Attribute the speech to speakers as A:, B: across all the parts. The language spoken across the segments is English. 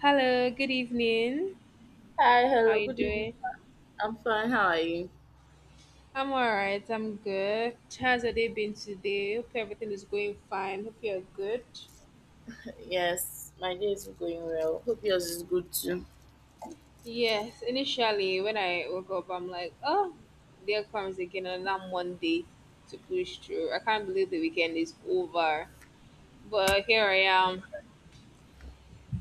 A: Hello, good evening.
B: Hi,
A: How
B: hello,
A: you
B: good evening.
A: doing?
B: I'm fine. How are you?
A: I'm all right. I'm good. How's your day been today? Hope everything is going fine. Hope you're good.
B: Yes, my day is going well. Hope yours is good too.
A: Yes, initially when I woke up, I'm like, oh, there comes again another Monday to push through. I can't believe the weekend is over. But here I am.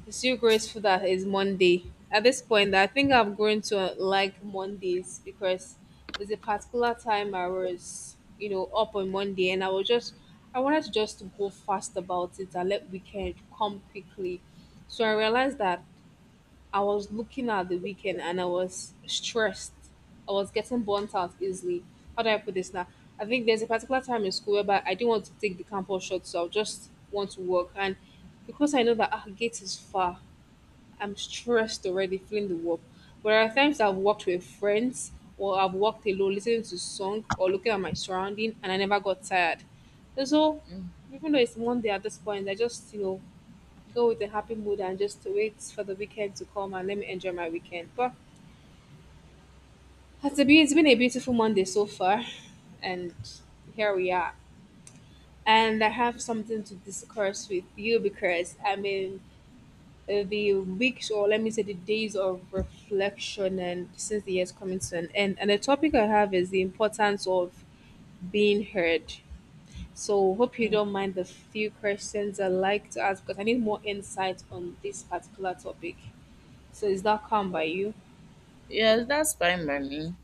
A: I'm still grateful that it's Monday. At this point, I think I've grown to like Mondays because there's a particular time I was, you know, up on Monday and I was just, I wanted to just go fast about it and let weekend come quickly. So I realized that I was looking at the weekend and I was stressed. I was getting burnt out easily. How do I put this now? I think there's a particular time in school whereby I didn't want to take the campus shot, so I just want to work. And because I know that our gate is far, I'm stressed already, feeling the work. But there are times I've worked with friends or I've worked alone, listening to song or looking at my surrounding, and I never got tired. And so, even though it's Monday at this point, I just go with a happy mood and just wait for the weekend to come and let me enjoy my weekend. But it's been a beautiful Monday so far, and here we are. And I have something to discuss with you because I'm a the weeks or let me say the days of reflection and since the year's coming to an end. And the topic I have is the importance of being heard. So hope you don't
B: Mhm.
A: mind the few questions I like to ask because I need more insight on this particular topic. So is that calm by you?
B: Yes, that's fine by me.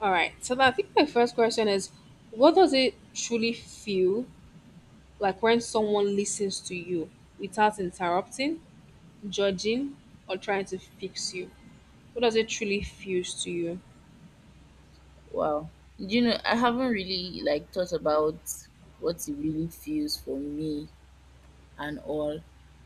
A: All right. So I think my first question is, what does it truly feel like when someone listens to you without interrupting, judging, or trying to fix you? What does it truly feel to you?
B: Wow. You know, I haven't really like thought about what it really feels for me and all.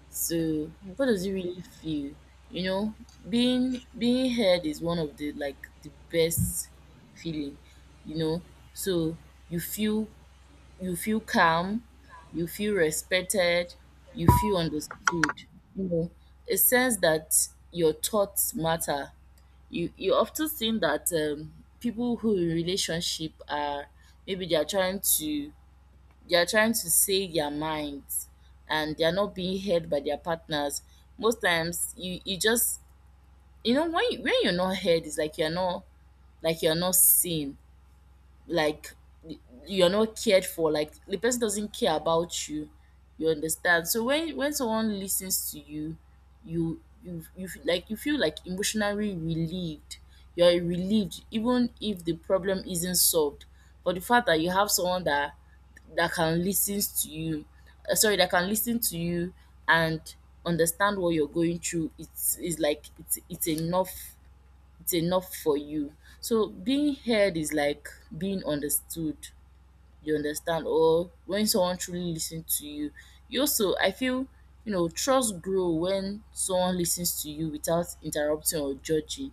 B: So, what does it really feel? You know, being heard is one of the like the best feeling. You know, so you feel you feel calm, you feel respected, you feel understood. You know, a sense that your thoughts matter. You often think that people who in relationship are maybe they are trying to they are trying to say their minds and they are not being heard by their partners. Most times you just you know when you're not heard, it's like you're not seen, like you're not cared for, like the person doesn't care about you, you understand. So when someone listens to you, like you feel like emotionally relieved, you're relieved even if the problem isn't solved, but the fact that you have someone that can listen to you, sorry, that can listen to you and understand what you're going through, it's is like it's enough, it's enough for you. So being heard is like being understood. You understand, or when someone truly listens to you. You also, I feel, you know, trust grow when someone listens to you without interrupting or judging.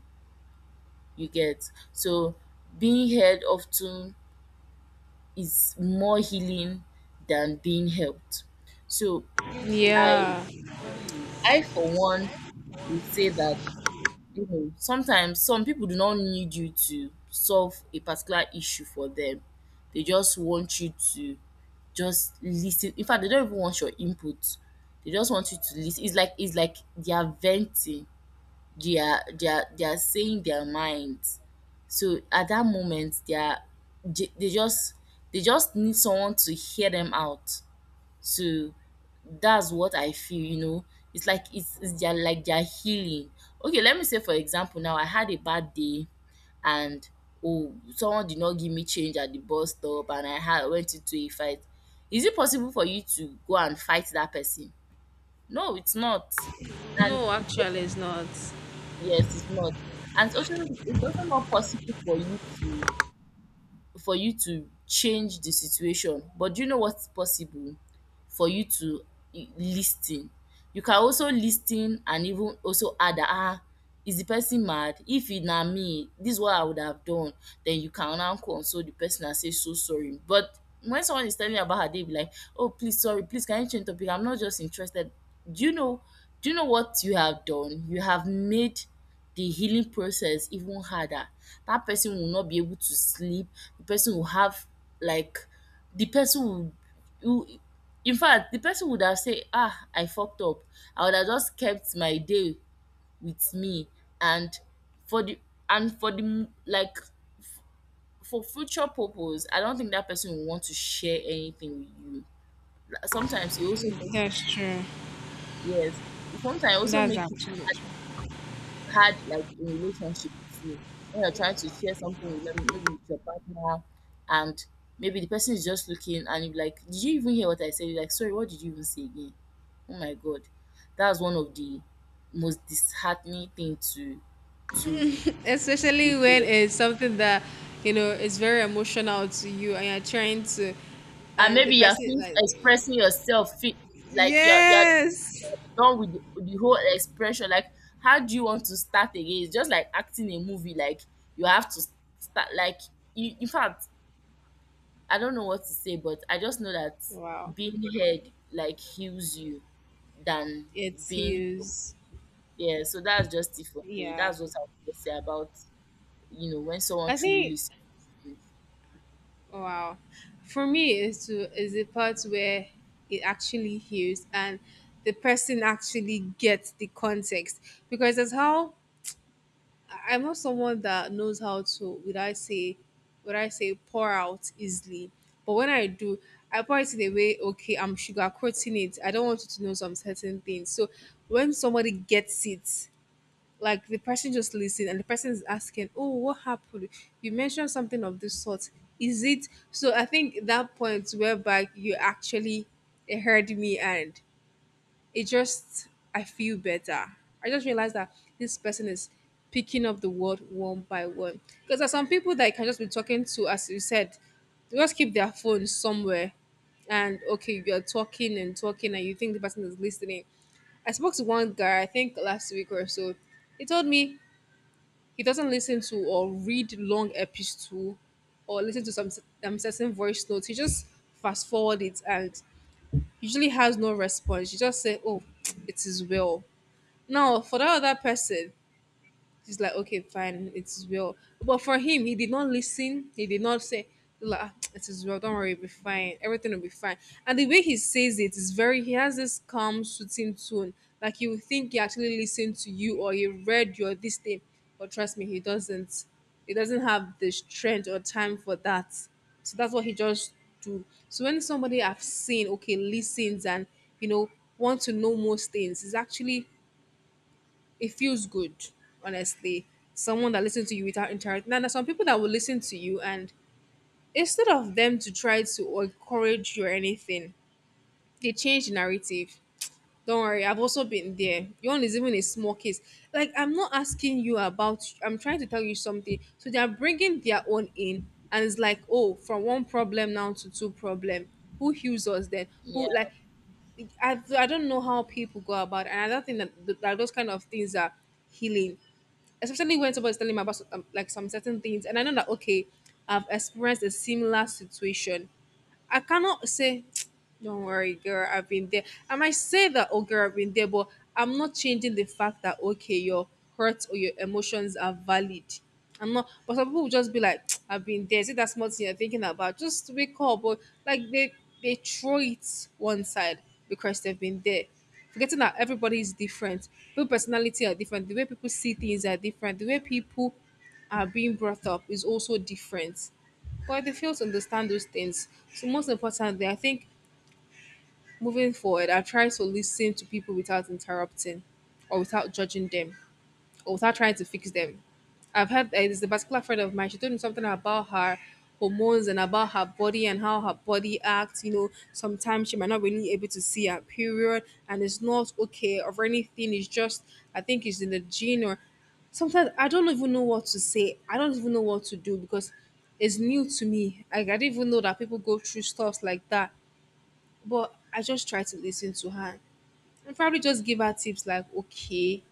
B: You get. So being heard often is more healing than being helped. So I,
A: Yeah.
B: I for one would say that you know sometimes some people do not need you to solve a particular issue for them, they just want you to just listen. In fact, they don't even want your input, they just want you to listen. It's like it's like they are venting, they are saying their minds. So at that moment they just, they just need someone to hear them out. So that's what I feel, you know. It's like it's their, like their healing. Okay, let me say for example now I had a bad day and oh someone did not give me change at the bus stop and I had went into a fight. Is it possible for you to go and fight that person? No, it's not. And
A: No,
B: it's
A: actually,
B: also
A: it's not.
B: yes, it's not. And it's also not possible for you to change the situation. But do you know what's possible? For you to listen. You can also listen and even also add that, ah, is the person mad? If it na me, this is what I would have done. Then you can now console the person and say so sorry. But when someone is telling you about her day, be like, oh please sorry, please can you change topic? I'm not just interested. Do you know do you know what you have done? You have made the healing process even harder. That person will not be able to sleep. The person will have, like the person will in fact the person would have said, ah, I fucked up. I would have just kept my day with me, and for the like for future purpose, I don't think that person will want to share anything with you. Like, sometimes you also make
A: That's
B: it
A: true.
B: yes. Sometimes it also
A: That's
B: make it
A: absolutely true.
B: hard, like in relationship too. When you're trying to share something with them, maybe with your partner, and maybe the person is just looking and you're like, did you even hear what I said? You're like, sorry, what did you even say again? Oh my god. That's one of the most disheartening thing to
A: Especially
B: to
A: when
B: hear.
A: it's something that you know is very emotional to you, and you're trying to,
B: And
A: and the
B: maybe
A: person like,
B: expressing yourself like you're
A: yes,
B: done with the whole expression. Like how do you want to start again? It's just like acting a movie, like you have to start, like you, in fact, I don't know what to say, but I just know that
A: wow,
B: being heard like heals you than
A: it's
B: being
A: huge.
B: yeah. So that's just it for me.
A: Yeah,
B: That's what I would say about you know when someone
A: I
B: truly
A: think
B: listens.
A: wow, for me is to is the part where it actually hears and the person actually gets the context because that's how I- I'm not someone that knows how to would I say pour out easily. But when I do, I pour it in a way, okay, I'm sugarcoating it. I don't want you to know some certain things. So when somebody gets it, like the person just listen and the person is asking, oh, what happened? You mentioned something of this sort. Is it so I think that point whereby you actually heard me and it just I feel better. I just realized that this person is picking up the word one by one. Because there's some people that you can just be talking to, as you said, they just keep their phone somewhere and okay, you're talking and talking and you think the person is listening. I spoke to one guy, I think last week or so. He told me he doesn't listen to or read long episode or listen to some certain voice notes. He just fast forward it and usually has no response. You just say, "Oh, it is well." Now, for that other person, he's like, okay, fine, it's well. But for him, he did not listen. He did not say, like, "Ah, it is well, don't worry, it'll be fine. Everything will be fine." And the way he says it is very, he has this calm, soothing tone. Like you would think he actually listened to you or he read your this thing. But trust me, he doesn't. He doesn't have the strength or time for that. So that's what he just do. So when somebody I've seen, okay, listens and, you know, want to know most things, is actually it feels good, honestly. Someone that listens to you without interrupting. Now, there are some people that will listen to you, and instead of them to try to encourage you or anything, they change the narrative. Don't worry, I've also been there. Yawn is even a small case. Like, I'm not asking you about, I'm trying to tell you something. So they are bringing their own in, and it's like, oh, from one problem now to two problem. Who heals us then?
B: Yeah.
A: Who, like, I don't know how people go about it, and I don't think that, those kind of things are healing, especially when somebody's telling me about like some certain things and I know that okay I've experienced a similar situation. I cannot say, don't worry, girl, I've been there. I might say that, oh, girl, I've been there, but I'm not changing the fact that, okay, your hurts or your emotions are valid. I'm not, but some people will just be like, I've been there. Is it that small thing you're thinking about? Just wake up. But like they throw it one side because they've been there. Forgetting that everybody is different. People personality are different. The way people see things are different. The way people are being brought up is also different, but they fail to understand those things. So most importantly, I think moving forward, I try to listen to people without interrupting or without judging them, without trying to fix them. I've had there's a particular friend of mine. She told me something about her hormones and about her body and how her body acts. You know, sometimes she might not really able to see her period, and it's not okay or anything. It's just I think it's in the gene or sometimes I don't even know what to say. I don't even know what to do because it's new to me. Like, I didn't even know that people go through stuff like that. But I just try to listen to her and probably just give her tips like, okay,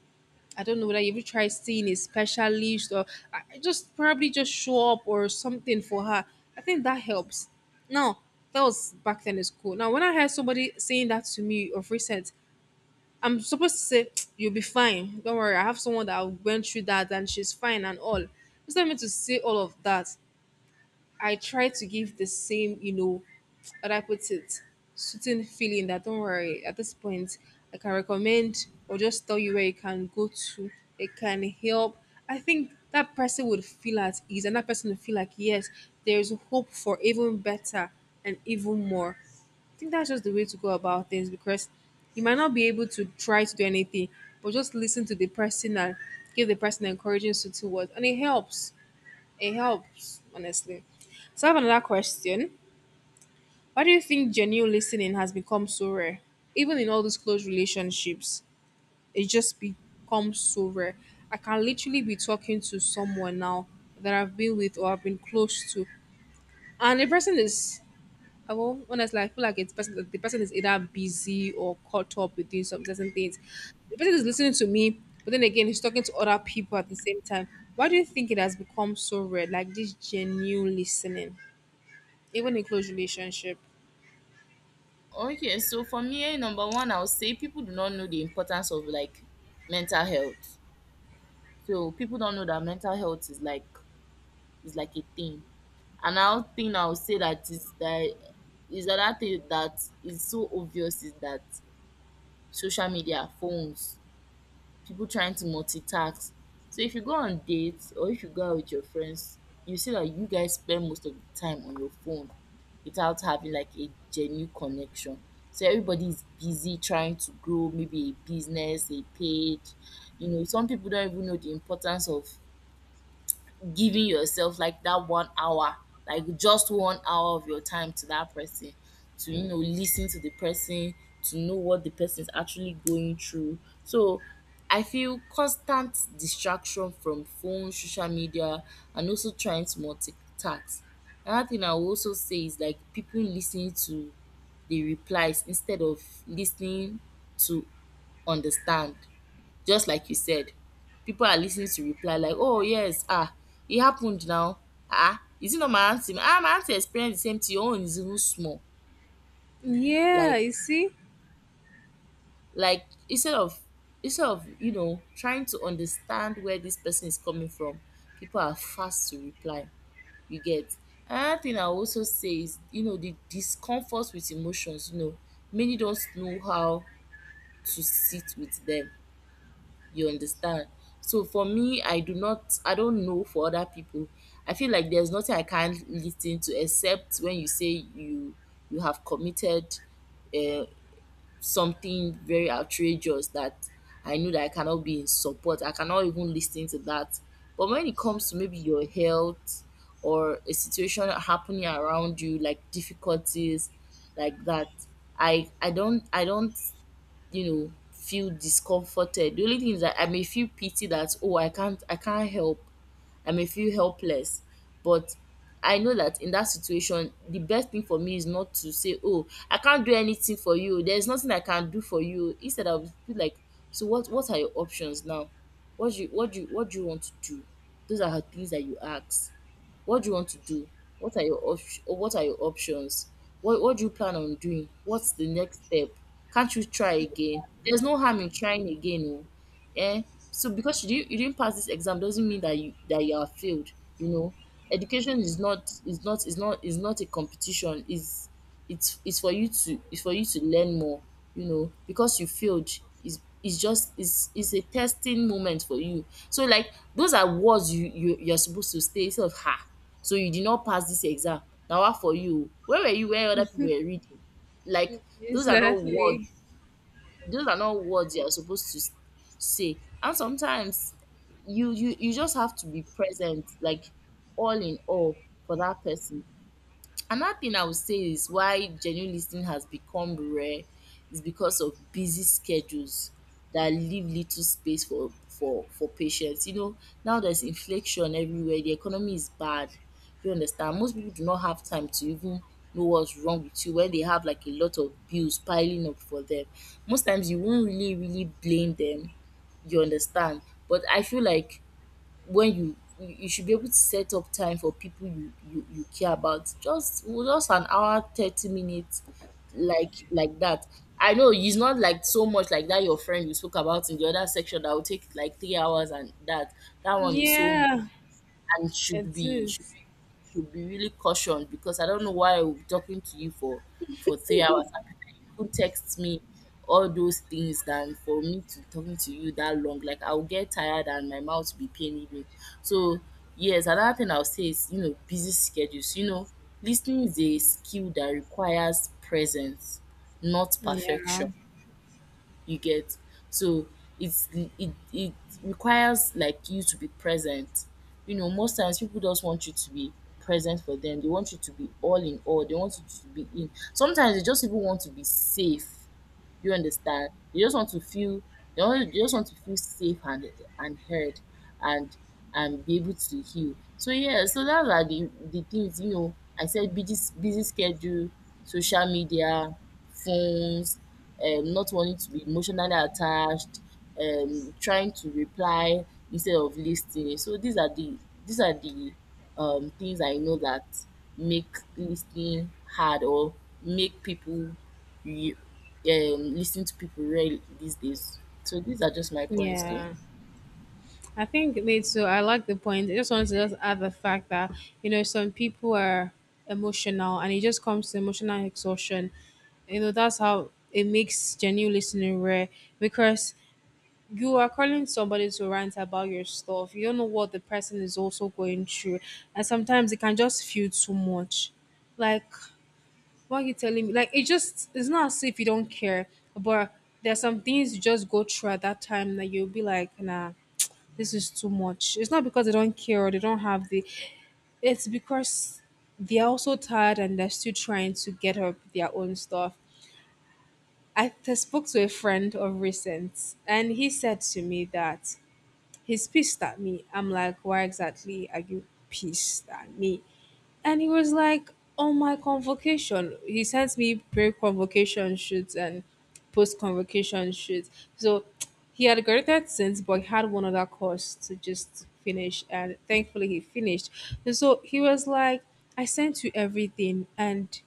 A: I don't know whether you ever try seeing a specialist or I just probably just show up or something for her. I think that helps. Now, that was back then in school. Now, when I heard somebody saying that to me of recent, I'm supposed to say, you'll be fine. Don't worry. I have someone that went through that and she's fine and all. Instead not me to say all of that, I try to give the same, you know, how do I put it, certain feeling that don't worry, at this point, I can recommend or just tell you where you can go to, it can help. I think that person would feel at ease and that person would feel like, yes, there's hope for even better and even more. I think that's just the way to go about things because you might not be able to try to do anything, but just listen to the person and give the person encouraging to towards, and it helps. It helps, honestly. So I have another question. Why do you think genuine listening has become so rare? Even in all these close relationships, it just becomes so rare. I can literally be talking to someone now that I've been with or I've been close to. And the person is I well, honestly, I feel like it's person the person is either busy or caught up with doing some certain things. The person is listening to me, but then again he's talking to other people at the same time. Why do you think it has become so rare? Like this genuine listening? Even in close relationship.
B: Okay. So for me, eh, number one, I'll say people do not know the importance of like mental health. So people don't know that mental health is like a thing. Another thing I'll say that is another thing that is so obvious is that social media, phones, people trying to multitask. So if you go on dates or if you go out with your friends, you see that you guys spend most of the time on your phone without having like a genuine connection. So everybody is busy trying to grow maybe a business, a page. You know, some people don't even know the importance of giving yourself like that 1 hour, like just 1 hour of your time to that person, to you know, listen to the person, to know what the person is actually going through. So I feel constant distraction from phone, social media, and also trying to multitask. Another thing I will also say is like people listening to the replies instead of listening to understand. Just like you said, people are listening to reply like, "Oh yes, ah, it happened now. Ah, is it not my auntie? Ah, my auntie experienced the same thing. Your own is even small."
A: Yeah,
B: Like,
A: you see?
B: like instead of you know trying to understand where this person is coming from, people are fast to reply. You get. Another thing I also say is, you know, the discomfort with emotions. You know, many don't know how to sit with them. You understand? So for me, I do not I don't know for other people. I feel like there's nothing I can't listen to, except when you say you have committed uh, something very outrageous that I know that I cannot be in support. I cannot even listen to that. But when it comes to maybe your health or a situation happening around you, like difficulties like that, I don't you know feel discomforted. The only thing is that I may feel pity that, oh, I can't help, I may feel helpless, but I know that in that situation the best thing for me is not to say, oh, I can't do anything for you, there's nothing I can do for you. Instead I will be like, so what are your options now, what do you what do you want to do? Those are the things that you ask. What do you want to do? What are your options? What do you plan on doing? What's the next step? Can't you try again? There's no harm in trying again. Oh. Eh? So because you didn't pass this exam doesn't mean that you are failed. You know, education is not is not a competition. Is It's it's for you to learn more. You know, because you failed is just is a testing moment for you. So like those are words you're supposed to stay instead of ha. So you did not pass this exam. Now what for you? Where were you where other people were reading? Like, those are not words,
A: Exactly.
B: those are not words you are supposed to say. And sometimes you you just have to be present, like all in all, for that person. Another thing I would say is why genuine listening has become rare is because of busy schedules that leave little space for patients. You know, now there's inflation everywhere, the economy is bad. You understand? Most people do not have time to even know what's wrong with you when they have like a lot of bills piling up for them. Most times you won't really blame them. You understand? But I feel like when you should be able to set up time for people you care about. Just an hour, 30 minutes like that. I know it's not like so much like that your friend you spoke about in the other section that will take like 3 hours, and that one is so,
A: Yeah,
B: and should
A: it
B: be should
A: is.
B: be should be really cautioned, because I don't know why I will be talking to you for 3 hours. I prefer you could text me all those things than for me to be talking to you that long. Like I'll get tired and my mouth will be paining me. So yes, another thing I'll say is, you know, busy schedules. Listening is a skill that requires presence, not perfection.
A: Yeah,
B: You get? So it's it requires, like, you to be present. Most times people just want you to be present for them. They want you to be all in all. They want you to be in sometimes they just even want to be safe. You understand? You just want to feel you only- you just want to feel safe and heard and and be able to heal. So yeah, so that's are the things. I said busy schedule, social media, phones, not wanting to be emotionally attached, trying to reply instead of listening. So these are the things I know that make listening hard or make people you listening to people rarely these days. So these are just my points though.
A: yeah. I think me too. I like the point. I just want to just add the fact that you know some people are emotional, and it just comes to emotional exhaustion. You know that's how it makes genuine listening rare because you are calling somebody to rant about your stuff. You don't know what the person is also going through, and sometimes it can just feel too much. Like why are you telling me? Like it just it's not as if you don't care, but there's some things you just go through at that time that you'll be like, nah, this is too much. It's not because they don't care or they don't have the it's because they're also tired and they're still trying to get up their own stuff. I spoke to a friend of recent and he said to me that he's pissed at me. I'm like, why exactly are you pissed at me? And he was like, on my convocation, he sent me pre-convocation shoots and post-convocation shoots. So he had graduated since, but he had one other course to just finish, and thankfully he finished. And so he was like, I sent you everything, and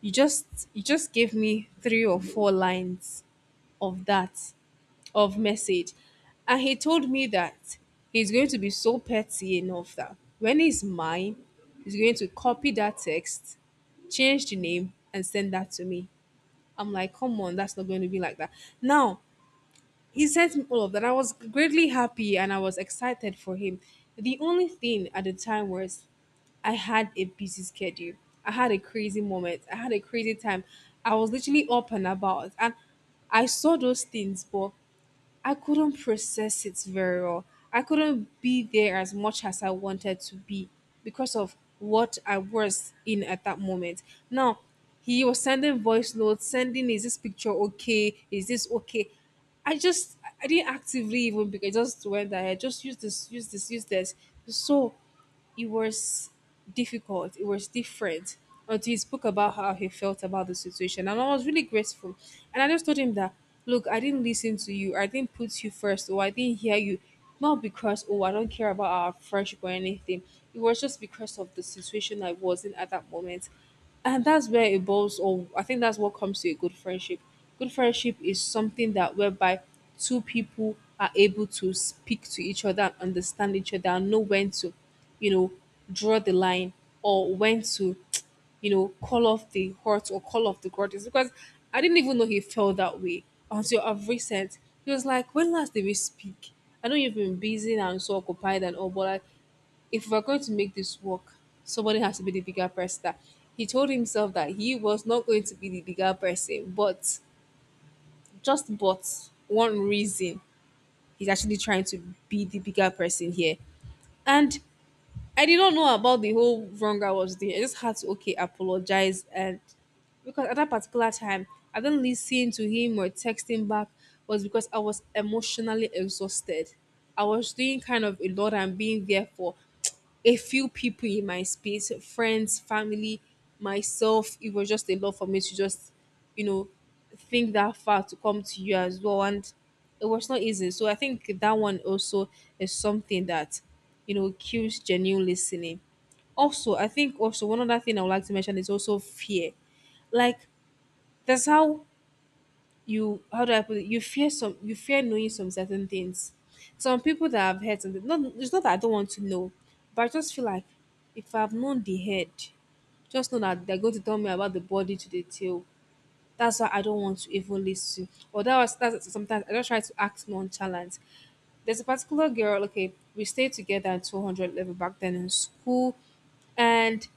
A: you just you just gave me three or four lines of that of message. And he told me that he's going to be so petty enough that when he's mine, he's going to copy that text, change the name, and send that to me. I'm like, come on, that's not going to be like that. Now, he sent me all of that. I was greatly happy and I was excited for him. The only thing at the time was I had a busy schedule. I had a crazy moment. I had a crazy time. I was literally up and about. And I saw those things, but I couldn't process it very well. I couldn't be there as much as I wanted to be because of what I was in at that moment. Now, he was sending voice notes, sending, is this picture okay? Is this okay? I didn't actively even because I just went there. I just use this, use this, use this. So it was it was different until he spoke about how he felt about the situation. And I was really grateful. And I just told him that, look, I didn't listen to you, I didn't put you first, or I didn't hear you. Not because, oh, I don't care about our friendship or anything. It was just because of the situation I was in at that moment. And that's where it boils, or I think that's what comes to a good friendship. Good friendship is something that whereby two people are able to speak to each other and understand each other and know when to, you know, draw the line or when to call off the hurt or call off the grudges. Because I didn't even know he felt that way until of recent. He was like, when last did we speak? I know you've been busy and so occupied and all, but like if we're going to make this work, somebody has to be the bigger person. He told himself that he was not going to be the bigger person, but just but one reason he's actually trying to be the bigger person here. And I did not know about the whole wrong I was doing. I just had to apologize, and because at that particular time I didn't listen to him or text him back was because I was emotionally exhausted. I was doing kind of a lot and being there for a few people in my space, friends, family, myself. It was just a lot for me to just, you know, think that far to come to you as well. And it was not easy. So I think that one also is something that kills genuine listening. Also, I think also one other thing I would like to mention is also fear. Like, that's how you how do I put it? You fear knowing some certain things. Some people that have heard something. Not It's not that I don't want to know, but I just feel like if I've known the head, just know that they're going to tell me about the body to the tail. That's why I don't want to even listen. Or that's sometimes I just try to act nonchalant. There's a particular girl, okay, we stayed together at 200 level back then in school, and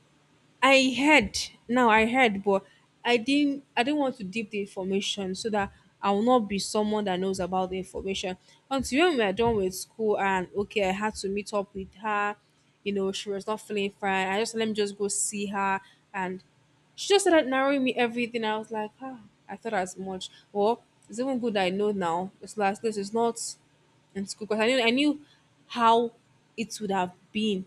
A: I heard I heard, but I didn't want to deep the information so that I will not be someone that knows about the information. Until when we are done with school, and okay, I had to meet up with her, she was not feeling fine. I just Let me just go see her, and she just started narrowing me everything. I was like, ah, I thought as much. Well, it's even good I know now. It's like this is not in school, because I knew how it would have been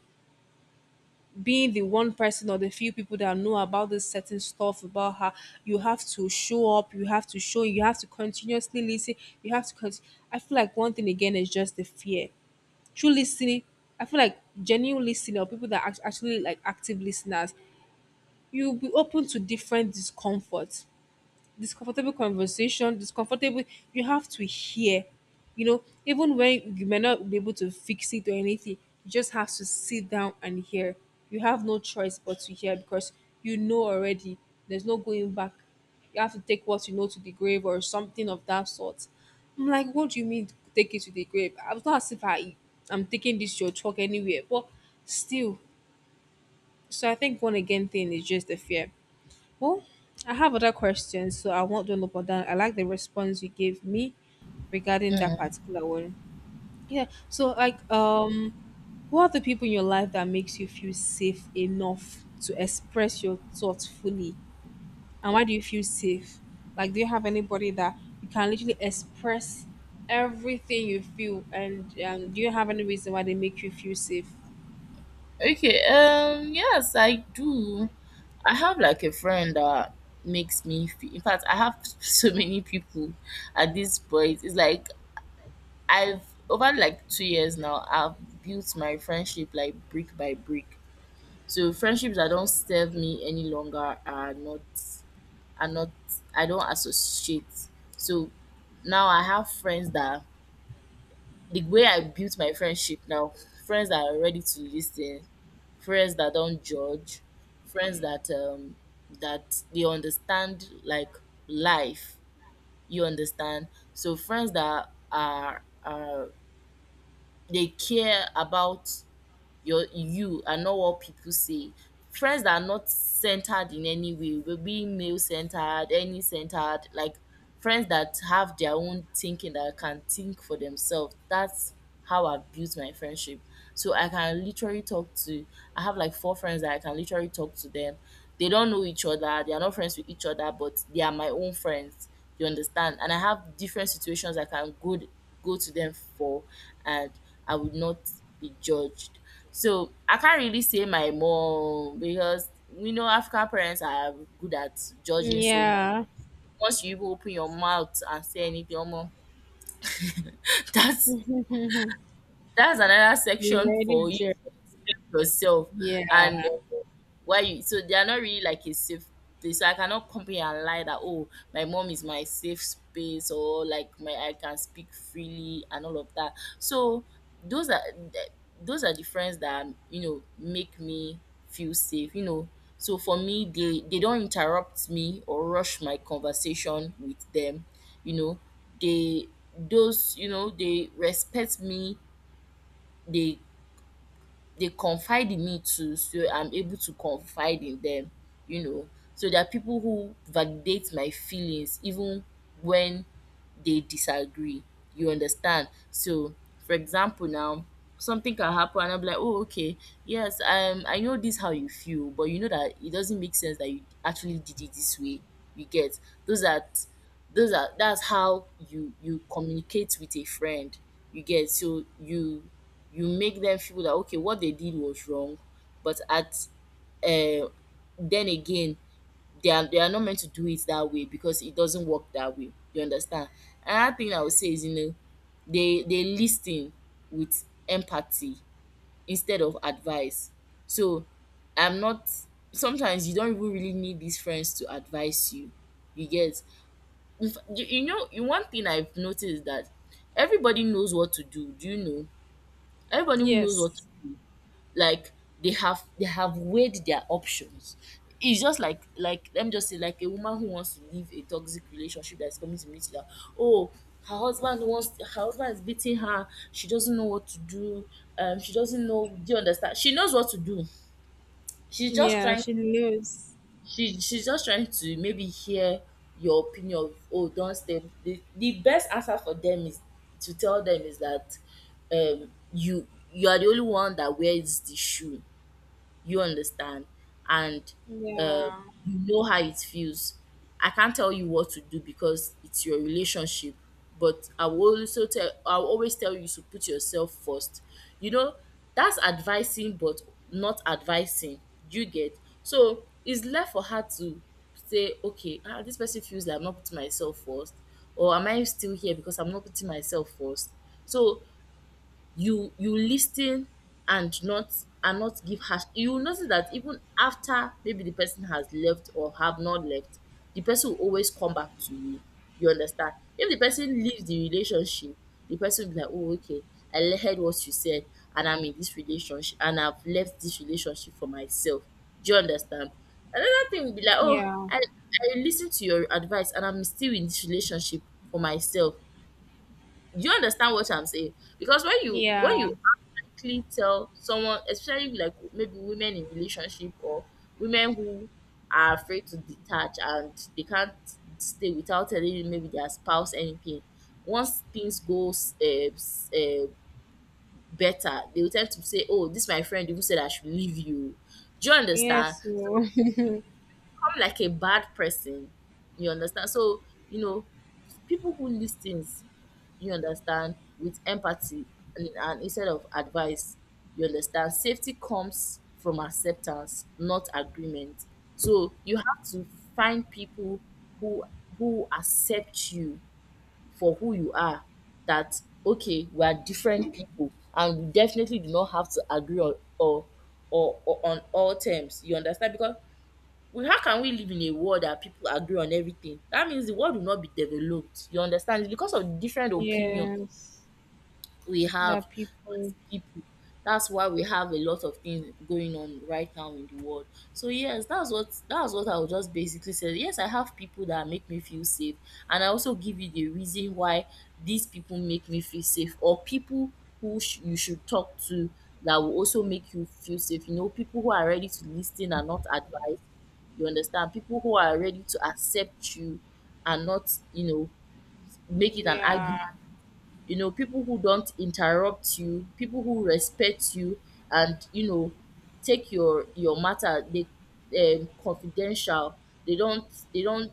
A: being the one person or the few people that know about this certain stuff about her. You have to show up, you have to continuously listen, you have to cont- I feel like one thing again is just the fear. True listening. I feel like genuine listening, or people that actually like active listeners, you'll be open to different discomforts, discomfortable conversation, discomfortable. You have to hear, even when you may not be able to fix it or anything, you just have to sit down and hear. You have no choice but to hear because you know already. There's no going back. You have to take what you know to the grave or something of that sort. I'm like, what do you mean take it to the grave? I was not as if I'm taking this your talk anywhere, but still. So I think one again thing is just the fear. Well, I have other questions, so I won't dwell upon that. I like the response you gave me regarding that particular one. Yeah. So, like, who are the people in your life that makes you feel safe enough to express your thoughts fully? And why do you feel safe? Like, do you have anybody that you can literally express everything you feel, and do you have any reason why they make you feel safe?
B: Okay, yes, I do. I have like a friend that makes me feel, in fact I have so many people at this point. It's like I've over like 2 years now, I've built my friendship like brick by brick. So friendships that don't serve me any longer are not. I don't associate. So now I have friends that, the way I built my friendship now, friends that are ready to listen, friends that don't judge, friends that that they understand, like, life. You understand? So friends that are, they care about you and not what people say. Friends that are not centered in any way, will be male centered, any centered, like friends that have their own thinking, that can think for themselves. That's how I built my friendship. So i can literally talk to I have like four friends that I can literally talk to them. They don't know each other, they are not friends with each other, but they are my own friends. You understand? And I have different situations I can go to them for, and I would not be judged. So I can't really say my mom, because we know African parents are good at judging so much.
A: Yeah.
B: Once you even open your mouth and say anything, omo, that's that's another
A: You
B: section
A: ready,
B: for you
A: Jerry?
B: yourself.
A: Yeah.
B: And why you so they are not really like a safe place. So I cannot come here and lie that, oh, my mom is my safe space, or like my I can speak freely and all of that. So those are th- those are the friends that make me feel safe. So for me they don't interrupt me or rush my conversation with them you know they those you know they respect me, they they confide in me too, so I'm able to confide in them, you know. So there are people who validate my feelings even when they disagree. You understand? So, for example, now, something can happen, and I'm like, oh, okay, yes, I know this how you feel, but you know that it doesn't make sense that you actually did it this way. You get those that, those are, that's how you communicate with a friend. You get? So you make them feel that okay, what they did was wrong, but at uh then again, they are not meant to do it that way, because it doesn't work that way. You understand? Another thing I would say is, they listen with empathy instead of advice. So I'm not sometimes you don't even really need these friends to advise you. You get? If, you know, you- One thing I've noticed is that everybody knows what to do. Do you know? Everybody knows what, to,
A: Yes.
B: like they have weighed their options. It's just like let me just say, like a woman who wants to leave a toxic relationship, that's coming to meet you that, oh, her husband is beating her, she doesn't know what to do, she doesn't know, do you understand, she knows what to do. She's just
A: Yeah,
B: trying,
A: she knows.
B: She's just trying to maybe hear your opinion of, oh, don't stay. The best answer for them is to tell them is that, you are the only one that wears the shoe. You understand? And uh,
A: Yeah,
B: you know how it feels. I can't tell you what to do because it's your relationship, but I'll always tell you to put yourself first. you know that's advising but not advising, you get? So it's left for her to say, okay, ah, this person feels like I'm not putting myself first, or am I still here because I'm not putting myself first. So you lis ten and not and not give harsh. You will notice that even after maybe the person has left or have not left, the person will always come back to you, you understand. If the person leave the relationship, the person will be like, oh, okay, I heard what you said, and I'm in this relationship, and I've left this relationship for myself. Do you understand? Another thing will be like, oh,
A: yeah,
B: I lis ten to your advice and I'm still in this relationship for myself. Do you understand what I'm saying? Because when you when
A: yeah.
B: you actually tell someone, especially like maybe women in relationship, or women who are afraid to detach and they can't stay without telling maybe their spouse anything. Once things go better, they will tend to say, "Oh, this my friend even said I should leave you." Do you understand?
A: Yes,
B: So
A: oh.
B: become like a bad person. You understand? So you know, people who listens, you understand, with empathy and instead of advice, you understand. Safety comes from acceptance, not agreement. So you have to find people who who accept you for who you are. That okay, we are different people, and we definitely do not have to agree on or on all terms. You understand? Because how can we live in a world that people agree on everything? That means the world will not be developed. You understand? It's because of different opinions
A: yes.
B: we have
A: That people.
B: as people. That's why we have a lot of things going on right now in the world. So yes, that's what I would just basically say. Yes, I have people that make me feel safe, and I also give you the reason why these people make me feel safe, or people who you should talk to that will also make you feel safe. People who are ready to listen and not advise. You understand? People who are ready to accept you and not, make it an
A: Yeah.
B: argument, people who don't interrupt you, people who respect you, and take your matter they confidential. They don't they don't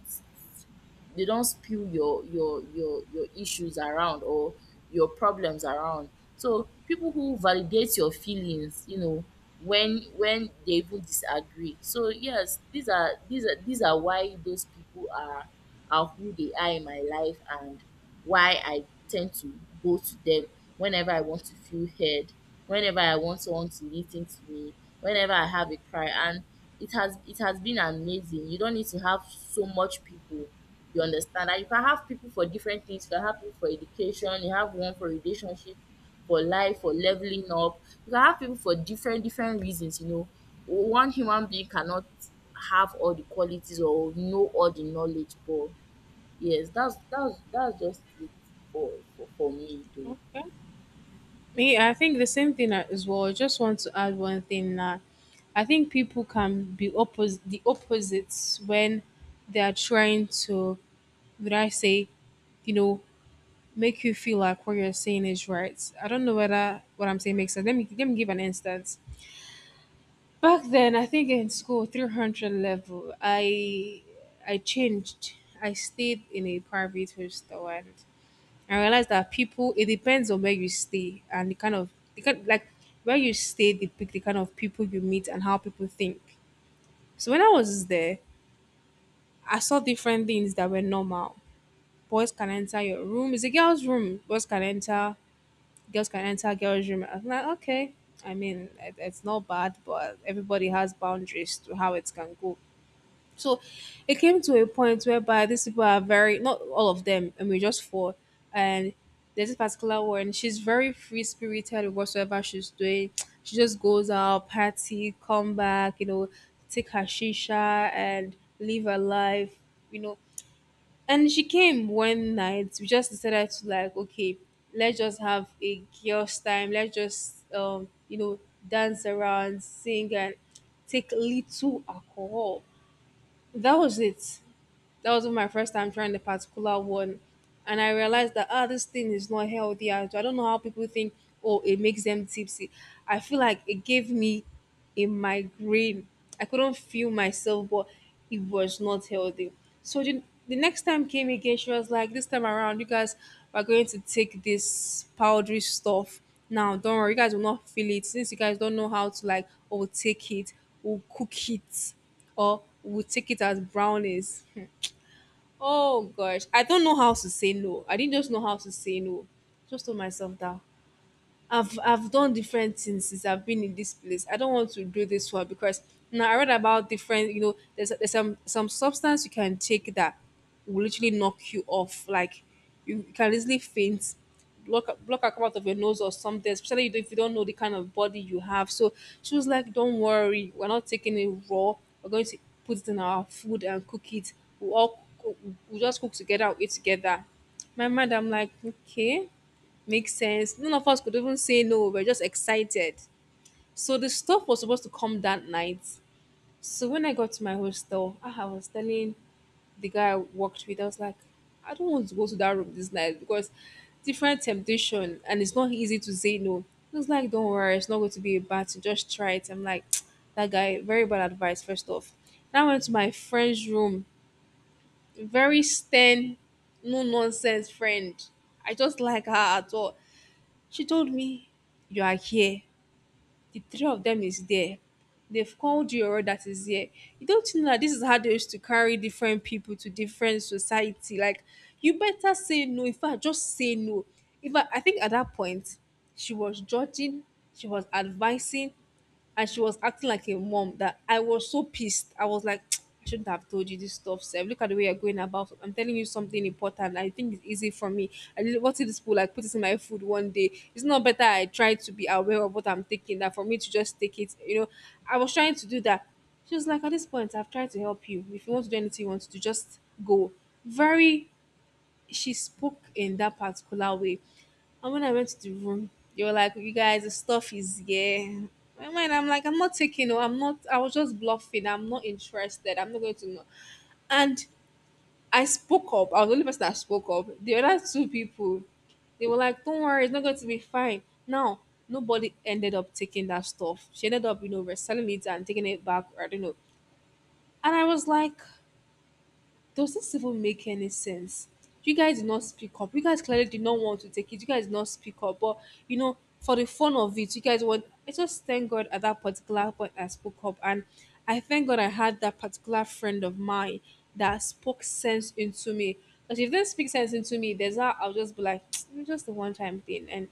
B: they don't spill your issues around or your problems around. So people who validate your feelings, when they even disagree. So yes, these are why those people are who they are in my life, and why I tend to go to them whenever I want to feel heard, whenever I want someone to listen to me, whenever I have a cry, and it has been amazing. You don't need to have so much people. You understand that you can have people for different things, you can have people for education, you have one for relationship, for life, for leveling up. You can have people for different different reasons. One human being cannot have all the qualities or know all the knowledge, but yes, that's just it for me though.
A: Okay. Me, I think the same thing as well. I just want to add one thing that I think people can be oppos the opposites when they are trying to, would I say, you know, make you feel like what you're saying is right. I don't know whether what I'm saying makes sense. Let me give an instance. Back then, I think in school, 300 level, I changed. I stayed in a private hostel, and I realized that people, it depends on where you stay and the kind, like, where you stay, the kind of people you meet and how people think. So when I was there, I saw different things that were normal. Boys can enter your room. It's a girl's room. Boys can enter. Girls can enter girls' room. I'm like, okay. I mean, it's not bad, but everybody has boundaries to how it can go. So it came to a point whereby these people are very not all of them, I mean just four. And there's this particular one, she's very free spirited with whatsoever she's doing. She just goes out, party, come back, take her shisha and live her life, you know. And she came one night. We just decided to like, okay, let's just have a girls' time. Let's just dance around, sing, and take little alcohol. That was it. That was my first time trying the particular one. And I realized that this thing is not healthy at all. I don't know how people think, oh, it makes them tipsy. I feel like it gave me a migraine. I couldn't feel myself, but it was not healthy. So the next time came again, she was like, this time around, you guys are going to take this powdery stuff. Now, don't worry, you guys will not feel it. Since you guys don't know how to like, oh, take it, we'll cook it, or we'll take it as brownies. Oh gosh, I don't know how to say no. I didn't just know how to say no. Just told myself that I've done different things since I've been in this place. I don't want to do this one because now I read about different, there's some substance you can take that will literally knock you off. Like, you can easily faint, block a come out of your nose or something, especially if you don't know the kind of body you have. So she was like, don't worry, we're not taking it raw. We're going to put it in our food and cook it. We'll all cook- we'll just cook together, we'll eat together. My mind, I'm like, okay. Makes sense. None of us could even say no. We're just excited. So the stuff was supposed to come that night. So when I got to my hostel, I was telling the guy I worked with, I was like, I don't want to go to that room this night because different temptation and it's not easy to say no. He was like, don't worry, it's not going to be a bad thing. Just try it. I'm like, that guy, very bad advice, first off. Then I went to my friend's room. Very stern, no nonsense friend. I just like her at all. She told me, "You are here. The three of them is there. They've called you all that is here. You don't know that this is how they used to carry different people to different society. Like, you better say no. In fact, just say no." In fact, I think at that point, she was judging, she was advising, and she was acting like a mom that I was so pissed. I was like, I shouldn't have told you this stuff, Seb. Look at the way you're going about it. I'm telling you something important. I think it's easy for me. I really, what if this will like put it in my food one day? It's not better I try to be aware of what I'm taking that for me to just take it. I was trying to do that. She was like, at this point, I've tried to help you. If you want to do anything you want to do, just go. Very, she spoke in that particular way. And when I went to the room, they were like, "You guys, the stuff is here." My mind, I'm like, I'm not taking. No, I'm not. I was just bluffing. I'm not interested. I'm not going to know. And I spoke up. I was the only person that spoke up. The other two people, they were like, "Don't worry, it's not going to be fine." Now, nobody ended up taking that stuff. She ended up, you know, reselling it and taking it back. Or I don't know. And I was like, does this even make any sense? You guys did not speak up. You guys clearly did not want to take it. You guys did not speak up. But, you know, for the fun of it, you guys want. I just thank God at that particular point I spoke up. And I thank God I had that particular friend of mine that spoke sense into me. Because if they speak sense into me, there's that I'll just be like, just the one time thing. And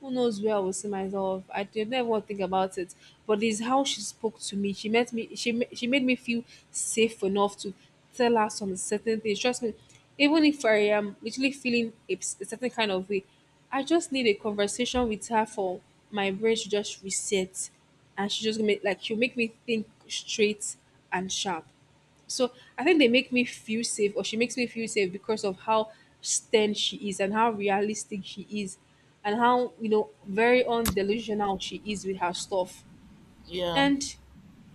A: who knows where I will see myself? I did not think about it, but it's how she spoke to me. She met me. She made me feel safe enough to tell her some certain things. Trust me, even if I am literally feeling a, a certain kind of way, I just need a conversation with her for my brain to just reset, and she'll make me think straight and sharp. So I think they make me feel safe, or she makes me feel safe because of how stern she is and how realistic she is, and how, you know, very undelusional she is with her stuff.
B: Yeah.
A: And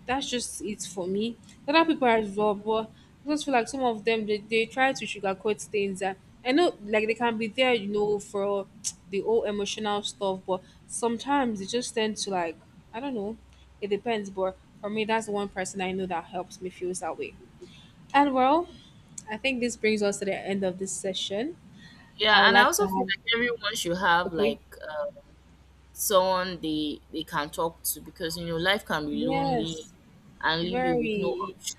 A: that's just it for me. Other people are as well, but I just feel like some of them they try to sugarcoat things. And I know, like, they can be there, you know, for the whole emotional stuff, but sometimes they just tend to like, I don't know. It depends, but for me, that's the one person I know that helps me feel that way. And well, I think this brings us to the end of this session.
B: Yeah,
A: I would
B: and I
A: like to
B: also feel
A: have,
B: like everyone should have
A: okay.
B: like uh, someone they can talk to, because life can be lonely
A: Yes,
B: and leave you with no
A: very.
B: option.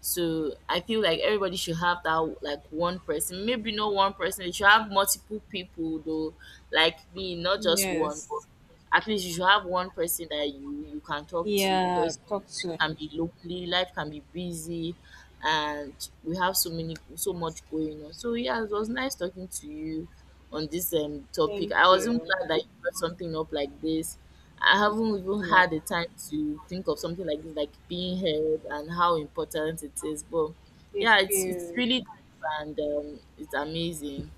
B: So I feel like everybody should have that, like, one person. Maybe not one person, you should have multiple people though, like me, not just one, but
A: Yes.
B: at least you should have one person that you can talk to,
A: Yeah,
B: because
A: talk
B: life
A: soon.
B: can be lonely, life can be busy, and we have so much going on. So yeah, it was nice talking to you on this topic.
A: Thank
B: I was not
A: you.
B: glad that you brought something up like this. I haven't even
A: Yeah.
B: had the time to think of something like this, like being heard and how important it is. But
A: If
B: yeah, it's
A: you,
B: really deep and it's amazing.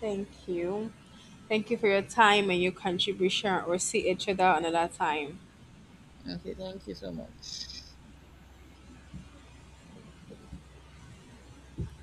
A: thank you. Thank you for your time and your contribution. We'll see each other another time.
B: Okay, thank you so much.